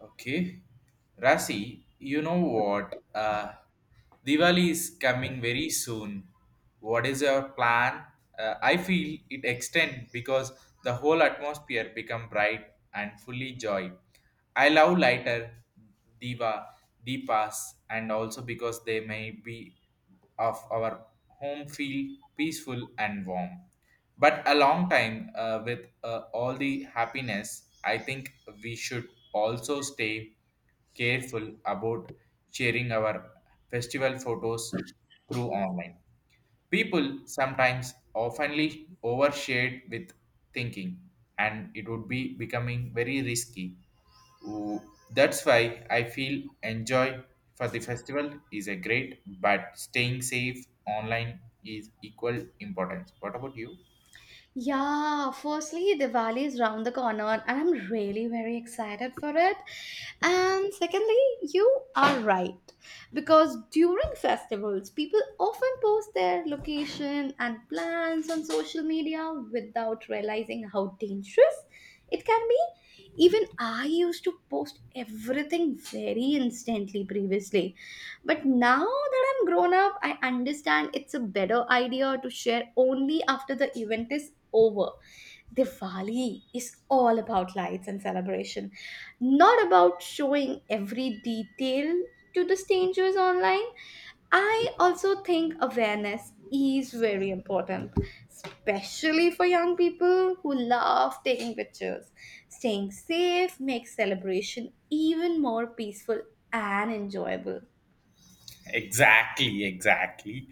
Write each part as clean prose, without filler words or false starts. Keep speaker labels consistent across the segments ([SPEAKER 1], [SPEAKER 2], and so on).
[SPEAKER 1] Okay. Rasi, you know what? Diwali is coming very soon. What is your plan? I feel it extend because the whole atmosphere become bright and fully joy. I love lighter diva deepas and also because they may be of our home feel peaceful and warm. But a long time with all the happiness, I think we should also stay careful about sharing our festival photos through online. People sometimes oftenly overshare with thinking, and it would be becoming very risky. Ooh, that's why I feel enjoy for the festival is a great, but staying safe online is equal importance. What about you?
[SPEAKER 2] Yeah, firstly, Diwali is round the corner and I'm really very excited for it. And secondly, you are right because during festivals, people often post their location and plans on social media without realizing how dangerous it can be. Even I used to post everything very instantly previously, but now that I'm grown up, I understand it's a better idea to share only after the event is over. Diwali is all about lights and celebration, not about showing every detail to the strangers online. I also think awareness is very important, especially for young people who love taking pictures. Staying safe makes celebration even more peaceful and enjoyable.
[SPEAKER 1] Exactly, exactly.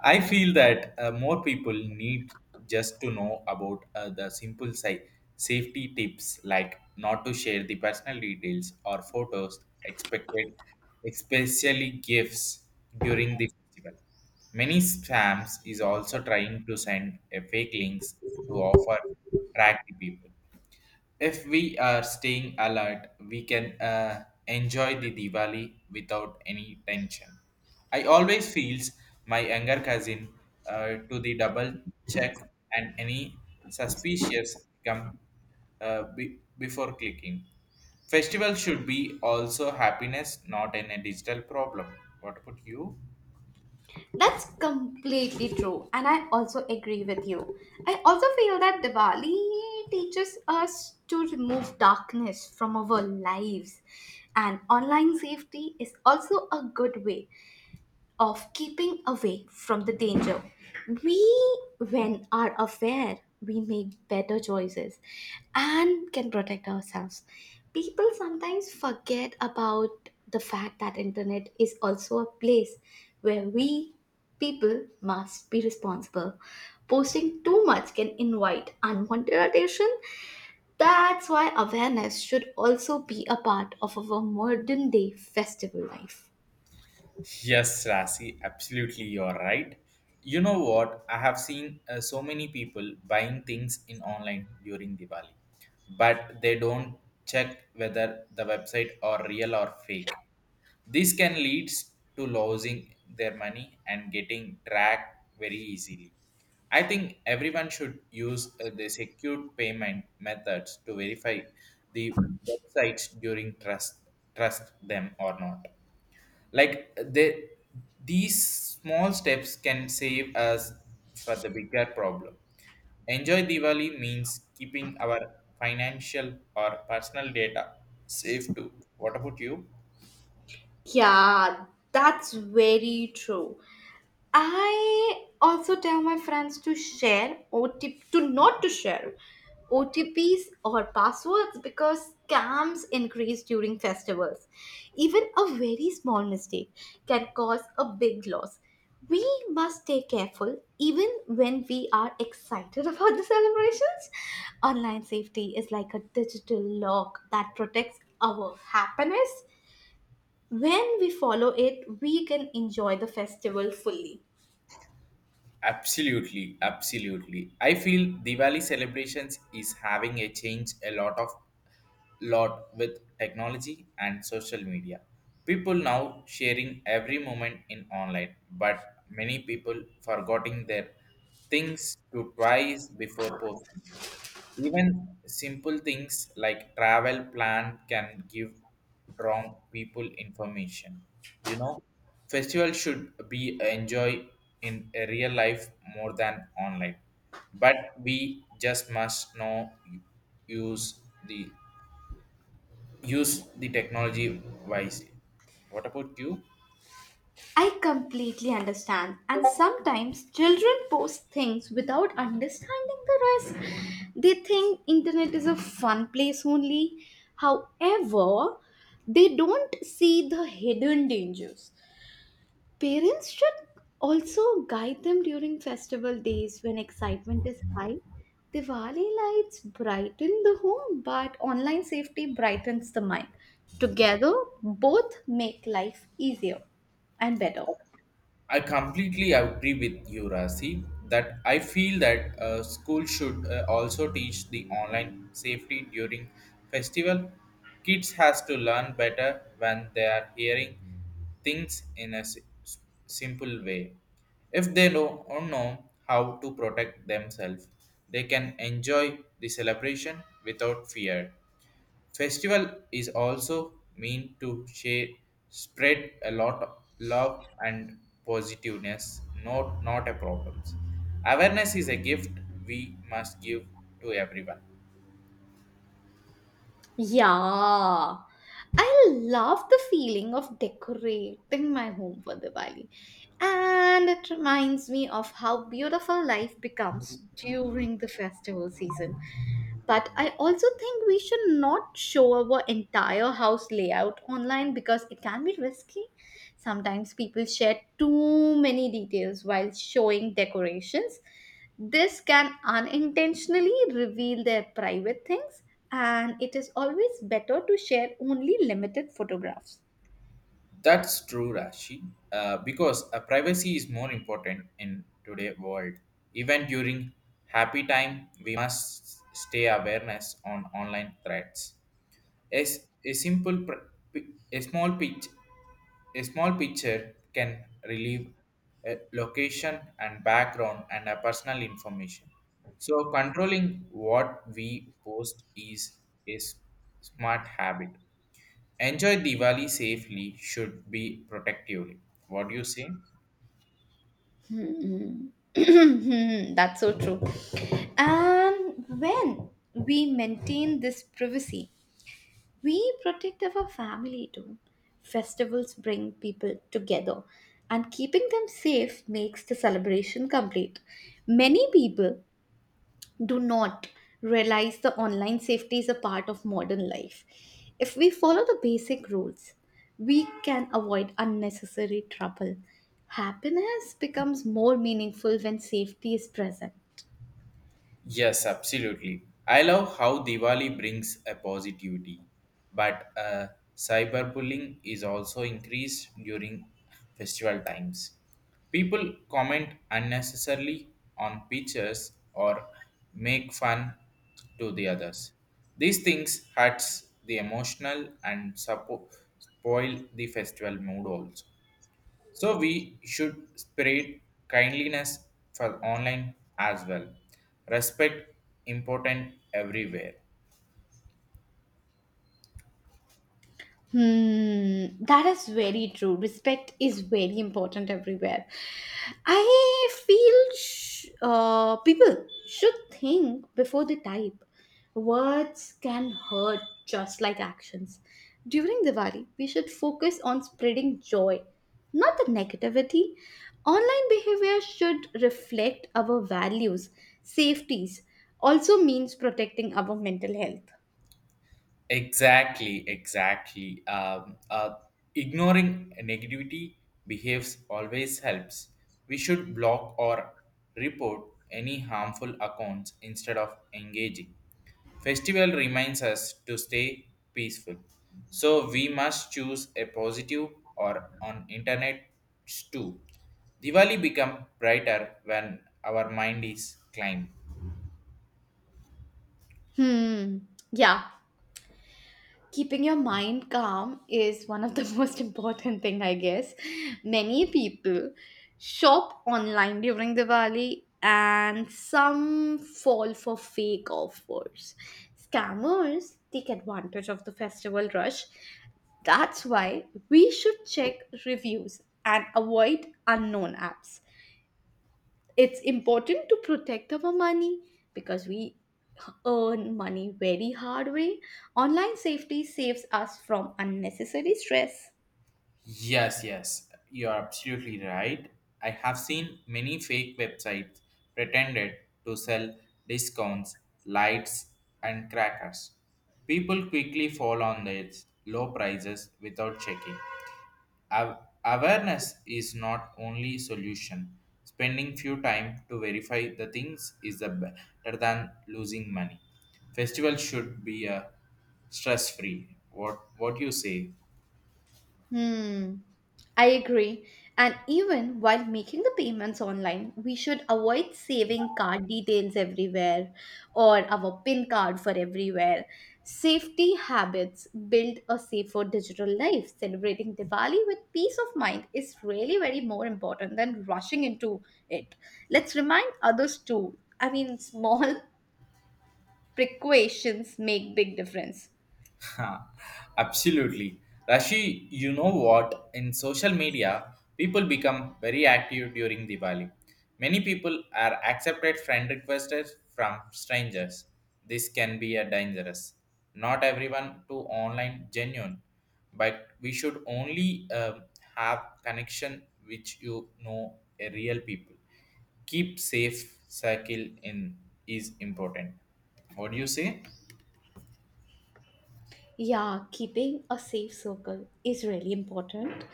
[SPEAKER 1] I feel that more people need just to know about the simple safety tips like not to share the personal details or photos expected, especially gifts during the festival. Many spams is also trying to send a fake links to offer attract the people. If we are staying alert, we can enjoy the Diwali without any tension. I always feels my younger cousin to the double check and any suspicious come before clicking. Festival should be also happiness, not in a digital problem. What about you?
[SPEAKER 2] That's completely true, and I also agree with you. I also feel that Diwali teaches us to remove darkness from our lives, and online safety is also a good way of keeping away from the danger. We, when are aware, we make better choices and can protect ourselves. People sometimes forget about the fact that internet is also a place where we people must be responsible. Posting too much can invite unwanted attention. That's why awareness should also be a part of our modern day festival life.
[SPEAKER 1] Yes, Rasi, absolutely, you're right. You know what? I have seen so many people buying things in online during Diwali, but they don't check whether the website are real or fake. This can lead to losing their money and getting tracked very easily. I think everyone should use the secure payment methods to verify the websites during trust them or not, like they, these small steps can save us for the bigger problem. Enjoy diwali means keeping our financial or personal data safe too. What about you?
[SPEAKER 2] Yeah, that's very true. I also tell my friends to not to share OTPs or passwords because scams increase during festivals. Even a very small mistake can cause a big loss. We must stay careful even when we are excited about the celebrations. Online safety is like a digital lock that protects our happiness when we follow it, we can enjoy the festival fully.
[SPEAKER 1] Absolutely, absolutely. I feel diwali celebrations is having a change a lot with technology and social media. People now sharing every moment in online, but many people forgetting their things to twice before posting. Even simple things like travel plan can give wrong people information. You know, festival should be enjoy in a real life more than online, but we just must know use the use the technology wisely. What about you?
[SPEAKER 2] I completely understand, and sometimes children post things without understanding the risk. They think internet is a fun place only. However, they don't see the hidden dangers. Parents should also guide them during festival days when excitement is high. Diwali lights brighten the home, but online safety brightens the mind. Together, both make life easier and better.
[SPEAKER 1] I completely agree with you, Rasi, that I feel that school should also teach the online safety during festival. Kids has to learn better when they are hearing things in a simple way. If they know or know how to protect themselves, they can enjoy the celebration without fear. Festival is also mean to share, spread a lot of love and positiveness, not a problems. Awareness is a gift we must give to everyone.
[SPEAKER 2] Yeah. I love the feeling of decorating my home for Diwali. And it reminds me of how beautiful life becomes during the festival season. But I also think we should not show our entire house layout online because it can be risky. Sometimes people share too many details while showing decorations. This can unintentionally reveal their private things, and it is always better to share only limited photographs.
[SPEAKER 1] That's true, Rashi. Because privacy is more important in today's world. Even during happy time, we must stay awareness on online threats. As a simple, a small pitch. A small picture can relieve a location and background and a personal information. So controlling what we post is a smart habit. Enjoy Diwali safely should be protectively. What do you say?
[SPEAKER 2] Hmm. That's so true. And when we maintain this privacy, we protect our family too. Festivals bring people together, and keeping them safe makes the celebration complete. Many people do not realize the online safety is a part of modern life. If we follow the basic rules, we can avoid unnecessary trouble. Happiness becomes more meaningful when safety is present.
[SPEAKER 1] Yes, absolutely. I love how Diwali brings a positivity, but cyberbullying is also increased during festival times. People comment unnecessarily on pictures or make fun to the others. These things hurts the emotional and spoil the festival mood also. So we should spread kindliness for online as well. Respect important everywhere.
[SPEAKER 2] That is very true. Respect is very important everywhere. I feel people should think before they type. Words can hurt just like actions. During Diwali, we should focus on spreading joy, not the negativity. Online behavior should reflect our values, safeties, also means protecting our mental health.
[SPEAKER 1] Exactly, exactly. Ignoring negativity behaves always helps. We should block or report any harmful accounts instead of engaging. Festival reminds us to stay peaceful. So we must choose a positive or on internet too. Diwali become brighter when our mind is climb.
[SPEAKER 2] Hmm, yeah. Keeping your mind calm is one of the most important thing I guess. Many people shop online during Diwali and some fall for fake offers. Scammers take advantage of the festival rush. That's why we should check reviews and avoid unknown apps. It's important to protect our money because we earn money very hard way. Online safety saves us from unnecessary stress.
[SPEAKER 1] Yes, yes, you are absolutely right. I have seen many fake websites pretended to sell discounts, lights, and crackers. People quickly fall on these low prices without checking. Aw- Awareness is not only solution. Spending few time to verify the things is the better than losing money. Festival should be a stress free. What you say?
[SPEAKER 2] Hmm. I agree. And even while making the payments online, we should avoid saving card details everywhere or our PIN card for everywhere. Safety habits build a safer digital life. Celebrating Diwali with peace of mind is really very more important than rushing into it. Let's remind others too. I mean, small precautions make big difference.
[SPEAKER 1] Ha, absolutely. Rashi, you know what? In social media, people become very active during Diwali. Many people are accepted friend requests from strangers. This can be a dangerous. Not everyone to online genuine, but we should only have connection which you know a real people. Keep safe circle in is important. What do you say?
[SPEAKER 2] Yeah, keeping a safe circle is really important.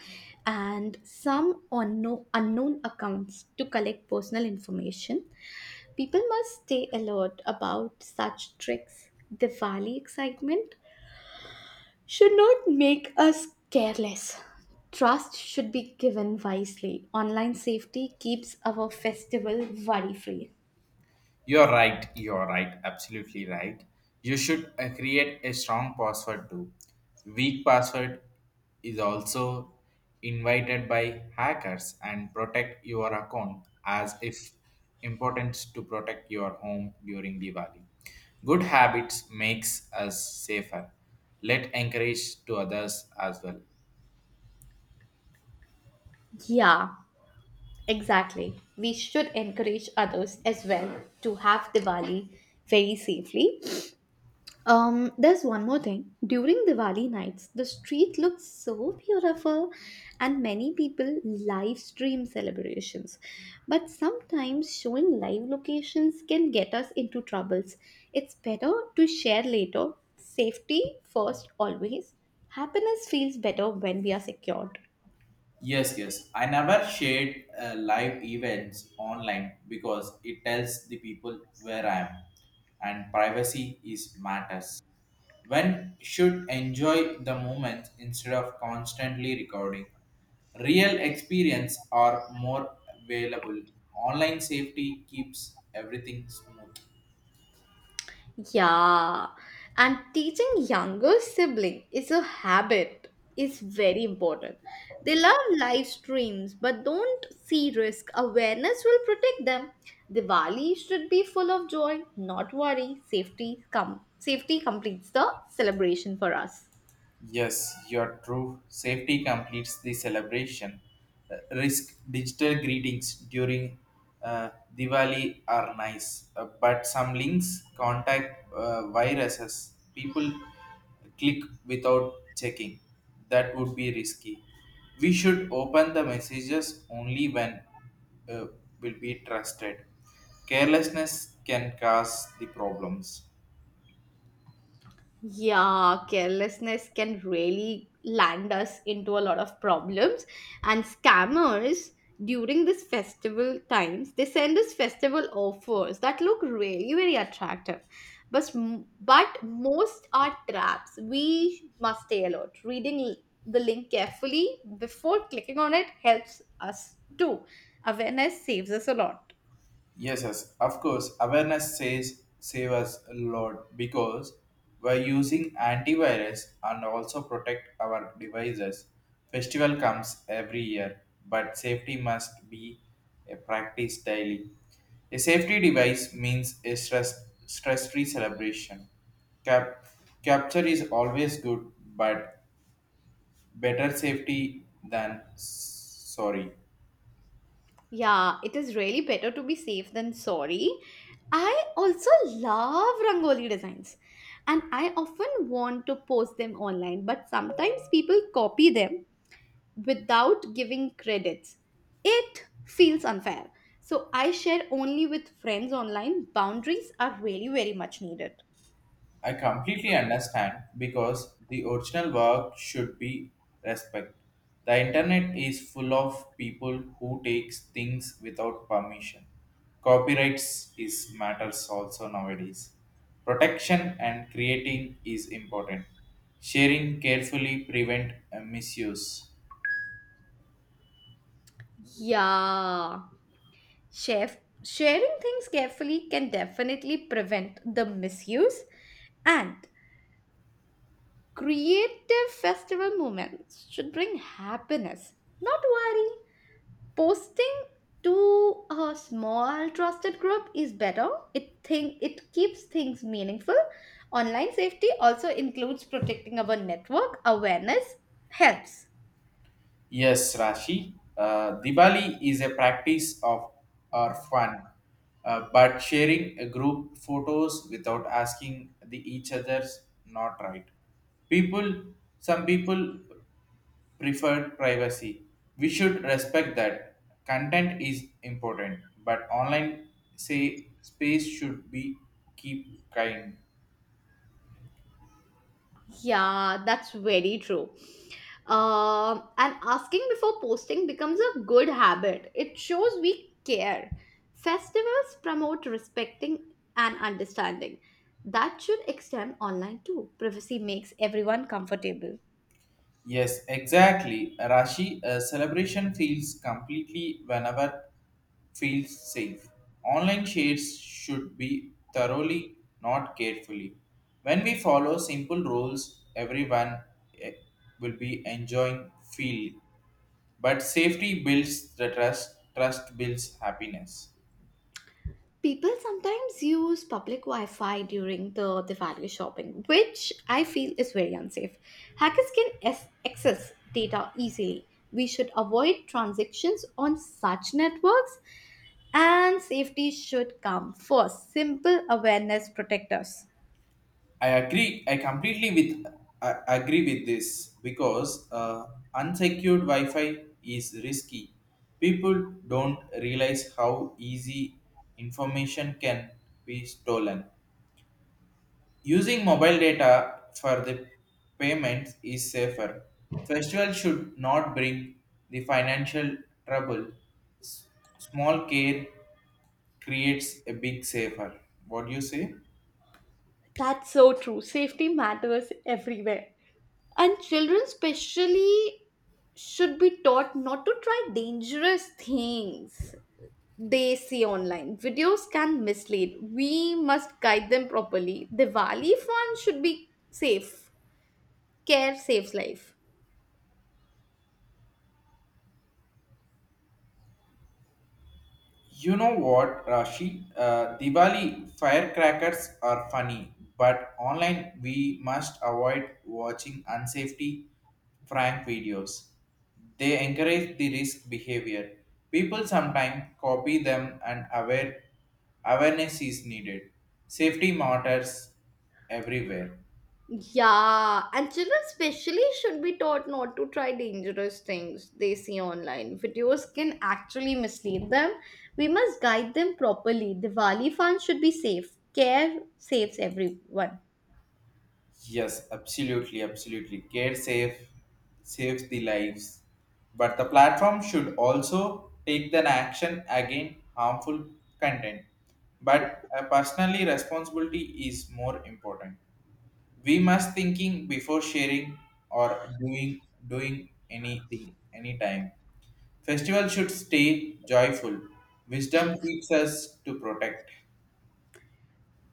[SPEAKER 2] And some unknown accounts to collect personal information. People must stay alert about such tricks. Diwali excitement should not make us careless. Trust should be given wisely. Online safety keeps our festival worry free.
[SPEAKER 1] You're right, absolutely right. You should create a strong password too. Weak password is also invited by hackers and protect your account as if important to protect your home during Diwali. Good habits makes us safer. Let encourage to others as well.
[SPEAKER 2] Yeah. Exactly. We should encourage others as well to have Diwali very safely. There's one more thing. During Diwali nights, the street looks so beautiful and many people live stream celebrations. But sometimes showing live locations can get us into troubles. It's better to share later. Safety first always. Happiness feels better when we are secured.
[SPEAKER 1] Yes, yes. I never shared live events online because it tells the people where I am and privacy is matters. One should enjoy the moment instead of constantly recording. Real experience are more available. Online safety keeps everything smooth.
[SPEAKER 2] Yeah, and teaching younger sibling is a habit is very important. They love live streams but don't see risk. Awareness will protect them. Diwali should be full of joy, not worry. Safety completes the celebration for us.
[SPEAKER 1] Yes, you're true. Safety completes the celebration. Risk digital greetings during uh, Diwali are nice, but some links contact viruses. People click without checking. That would be risky. We should open the messages only when uh, will be trusted. Carelessness can cause the problems.
[SPEAKER 2] Yeah, carelessness can really land us into a lot of problems. And scammers during this festival times, they send us festival offers that look really very attractive. But most are traps. We must stay alert. Reading the link carefully before clicking on it helps us too. Awareness saves us a lot.
[SPEAKER 1] Yes, yes, of course. Awareness says save us, Lord, because we're using antivirus and also protect our devices. Festival comes every year, but safety must be a practice daily. A safety device means a stress-free celebration. Cap- Capture is always good, but better safety than sorry.
[SPEAKER 2] Yeah, it is really better to be safe than sorry. I also love Rangoli designs and I often want to post them online, but sometimes people copy them without giving credits. It feels unfair. So I share only with friends online. Boundaries are really very much needed.
[SPEAKER 1] I completely understand because the original work should be respected. The internet is full of people who takes things without permission. Copyrights is matters also nowadays. Protection and creating is important. Sharing carefully prevent misuse.
[SPEAKER 2] Yeah. Chef sharing things carefully can definitely prevent the misuse, and creative festival moments should bring happiness, not worry. Posting to a small trusted group is better. It think it keeps things meaningful. Online safety also includes protecting our network. Awareness helps.
[SPEAKER 1] Yes, Rashi. Diwali is a practice of our fun, but sharing a group photos without asking the each other's not right. People, some people prefer privacy. We should respect that. Content is important, but online say space should be keep kind.
[SPEAKER 2] Yeah, that's very true. And asking before posting becomes a good habit. It shows we care. Festivals promote respecting and understanding. That should extend online too. Privacy makes everyone comfortable.
[SPEAKER 1] Yes, exactly. Rashi, a celebration feels completely whenever feels safe. Online shares should be thoroughly, not carefully. When we follow simple rules, everyone eh, will be enjoying feel. But safety builds the trust, trust builds happiness.
[SPEAKER 2] People sometimes use public Wi Fi during the Diwali shopping, which I feel is very unsafe. Hackers can access data easily. We should avoid transactions on such networks, and safety should come first. Simple awareness protect us.
[SPEAKER 1] I agree. I agree with this because unsecured Wi-Fi is risky. People don't realize how easy information can be stolen. Using mobile data for the payments is safer. Festival should not bring the financial trouble. S- Small care creates a big safer. What do you say?
[SPEAKER 2] That's so true. Safety matters everywhere. And children, especially, should be taught not to try dangerous things they see online. Videos can mislead. We must guide them properly. Diwali fund should be safe. Care saves life.
[SPEAKER 1] You know what, Rashi? Diwali firecrackers are funny, but online we must avoid watching unsafety prank videos. They encourage the risk behavior. People sometimes copy them and awareness is needed. Safety matters everywhere.
[SPEAKER 2] Yeah, and children especially should be taught not to try dangerous things they see online. Videos can actually mislead them. We must guide them properly. Diwali fund should be safe. Care saves everyone.
[SPEAKER 1] Yes, absolutely, absolutely. Care safe Saves the lives. But the platform should also take an action against harmful content. But personally responsibility is more important. We must thinking before sharing or doing anything anytime. Festival should stay joyful. Wisdom keeps us to protect.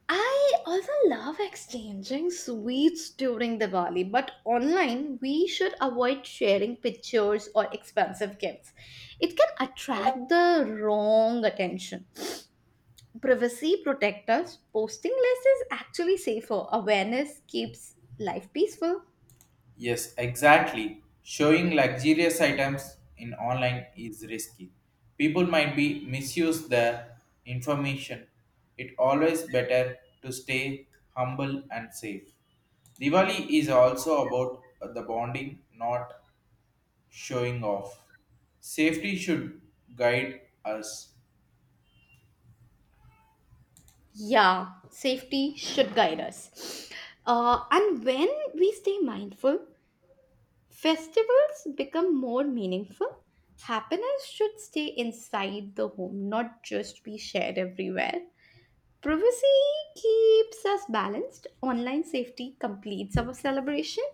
[SPEAKER 2] I also love exchanging sweets during Diwali, but online we should avoid sharing pictures or expensive gifts. It can attract the wrong attention. Privacy protects us. Posting less is actually safer. Awareness keeps life peaceful.
[SPEAKER 1] Yes, exactly. Showing luxurious items in online is risky. People might be misuse the information. It always better to stay humble and safe. Diwali is also about the bonding, not showing off. Safety should guide us.
[SPEAKER 2] Yeah, safety should guide us. And when we stay mindful, festivals become more meaningful. Happiness should stay inside the home, not just be shared everywhere. Privacy keeps us balanced, online safety completes our celebration,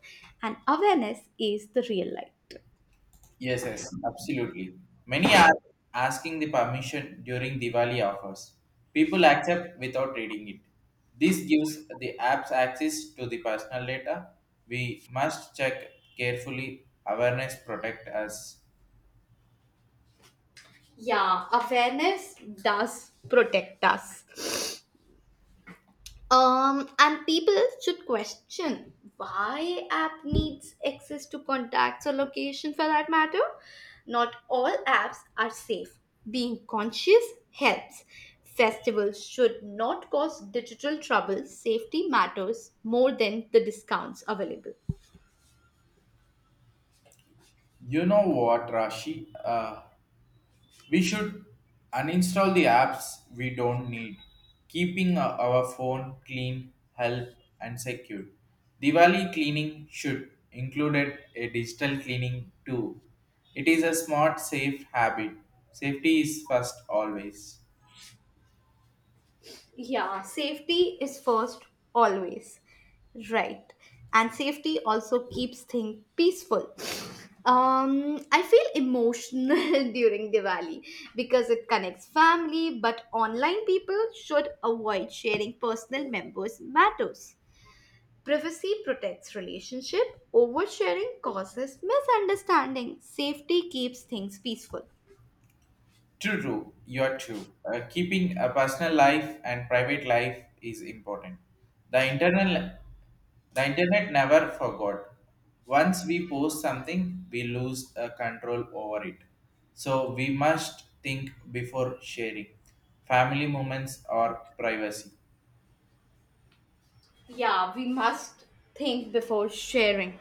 [SPEAKER 2] and awareness is the real light.
[SPEAKER 1] Yes, yes, absolutely. Many are asking the permission during Diwali offers. People accept without reading it. This gives the apps access to the personal data. We must check carefully. Awareness protect us.
[SPEAKER 2] Yeah, awareness does protect us. And people should question why app needs access to contacts or location for that matter. Not all apps are safe. Being conscious helps. Festivals should not cause digital trouble. Safety matters more than the discounts available.
[SPEAKER 1] You know what, Rashi? We should uninstall the apps we don't need, keeping our phone clean, help, and secure. Diwali cleaning should include a digital cleaning too. It is a smart, safe habit. Safety is first always.
[SPEAKER 2] Yeah, safety is first always. Right. And safety also keeps things peaceful. I feel emotional during Diwali because it connects family, but online people should avoid sharing personal members' matters. Privacy protects relationship, oversharing causes misunderstanding. Safety keeps things peaceful.
[SPEAKER 1] True, true. You are true. Keeping a personal life and private life is important. The internal, the internet never forgot. Once we post something, we lose control over it. So we must think before sharing. Family moments or privacy.
[SPEAKER 2] Yeah, we must think before sharing.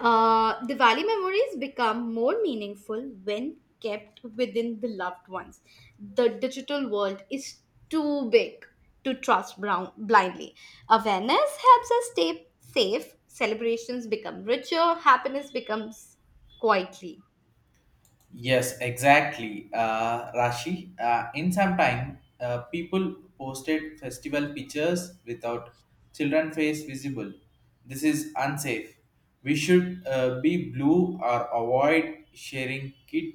[SPEAKER 2] Diwali memories become more meaningful when kept within the loved ones. The digital world is too big to trust brown blindly. Awareness helps us stay safe. Celebrations become richer. Happiness becomes quietly.
[SPEAKER 1] Yes, exactly, Rashi. In some time, people posted festival pictures without children face visible. This is unsafe. We should be blue or avoid sharing kid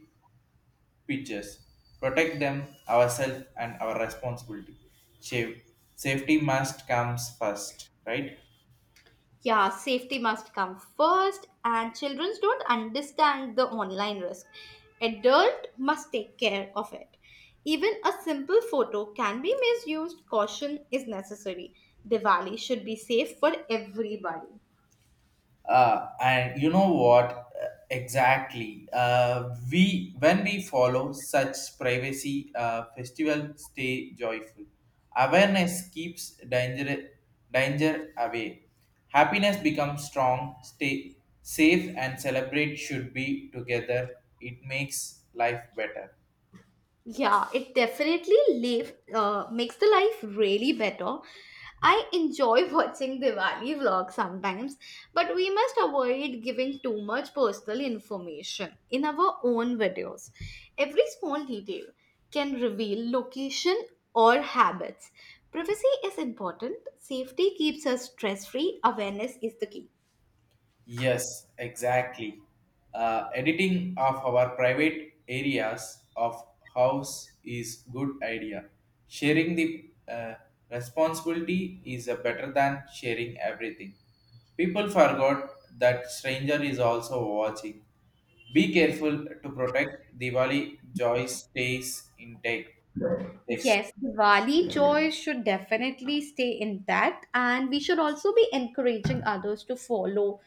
[SPEAKER 1] pictures. Protect them, ourselves, and our responsibility. Sa- Safety must comes first, right?
[SPEAKER 2] Yeah, safety must come first, and children don't understand the online risk. Adult must take care of it. Even a simple photo can be misused. Caution is necessary. Diwali should be safe for everybody.
[SPEAKER 1] And you know what? Exactly, we when we follow such privacy, festival stay joyful, awareness keeps danger danger away, happiness becomes strong, stay safe and celebrate should be together, it makes life better.
[SPEAKER 2] Yeah, it definitely makes the life really better. I enjoy watching Diwali vlogs sometimes, but we must avoid giving too much personal information in our own videos. Every small detail can reveal location or habits. Privacy is important, safety keeps us stress free, awareness is the key.
[SPEAKER 1] Yes, exactly. Editing of our private areas of house is good idea. Sharing the responsibility is better than sharing everything. People forgot that stranger is also watching. Be careful to protect Diwali joy stays intact.
[SPEAKER 2] Yes, Diwali joy should definitely stay intact, and we should also be encouraging others to follow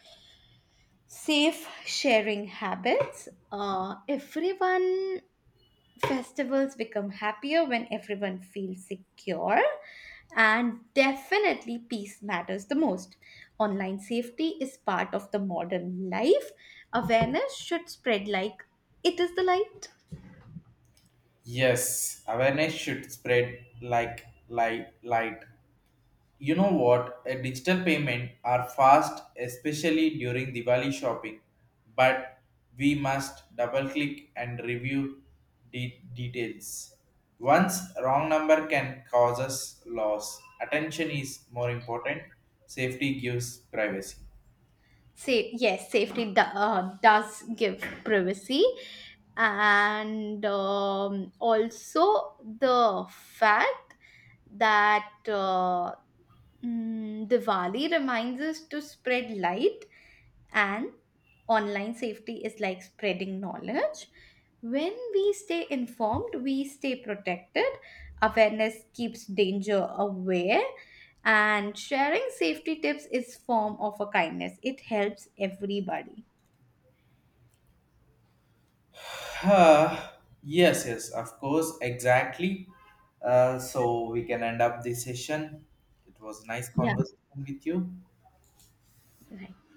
[SPEAKER 2] safe sharing habits. Everyone Festivals become happier when everyone feels secure, and definitely peace matters the most. Online safety is part of the modern life. Awareness should spread like it is the light.
[SPEAKER 1] Yes, awareness should spread like light. You know what? A digital payment are fast, especially during Diwali shopping, but we must double click and review details. Once wrong number can cause us loss. Attention is more important. Safety gives privacy.
[SPEAKER 2] Safe, yes, safety does give privacy, and also the fact that Diwali reminds us to spread light, and online safety is like spreading knowledge. When we stay informed, we stay protected. Awareness keeps danger away, and sharing safety tips is form of a kindness it helps everybody.
[SPEAKER 1] Ah, yes, yes, of course, exactly. So we can end up this session. It was nice
[SPEAKER 2] Yeah,
[SPEAKER 1] conversation with you.
[SPEAKER 2] right.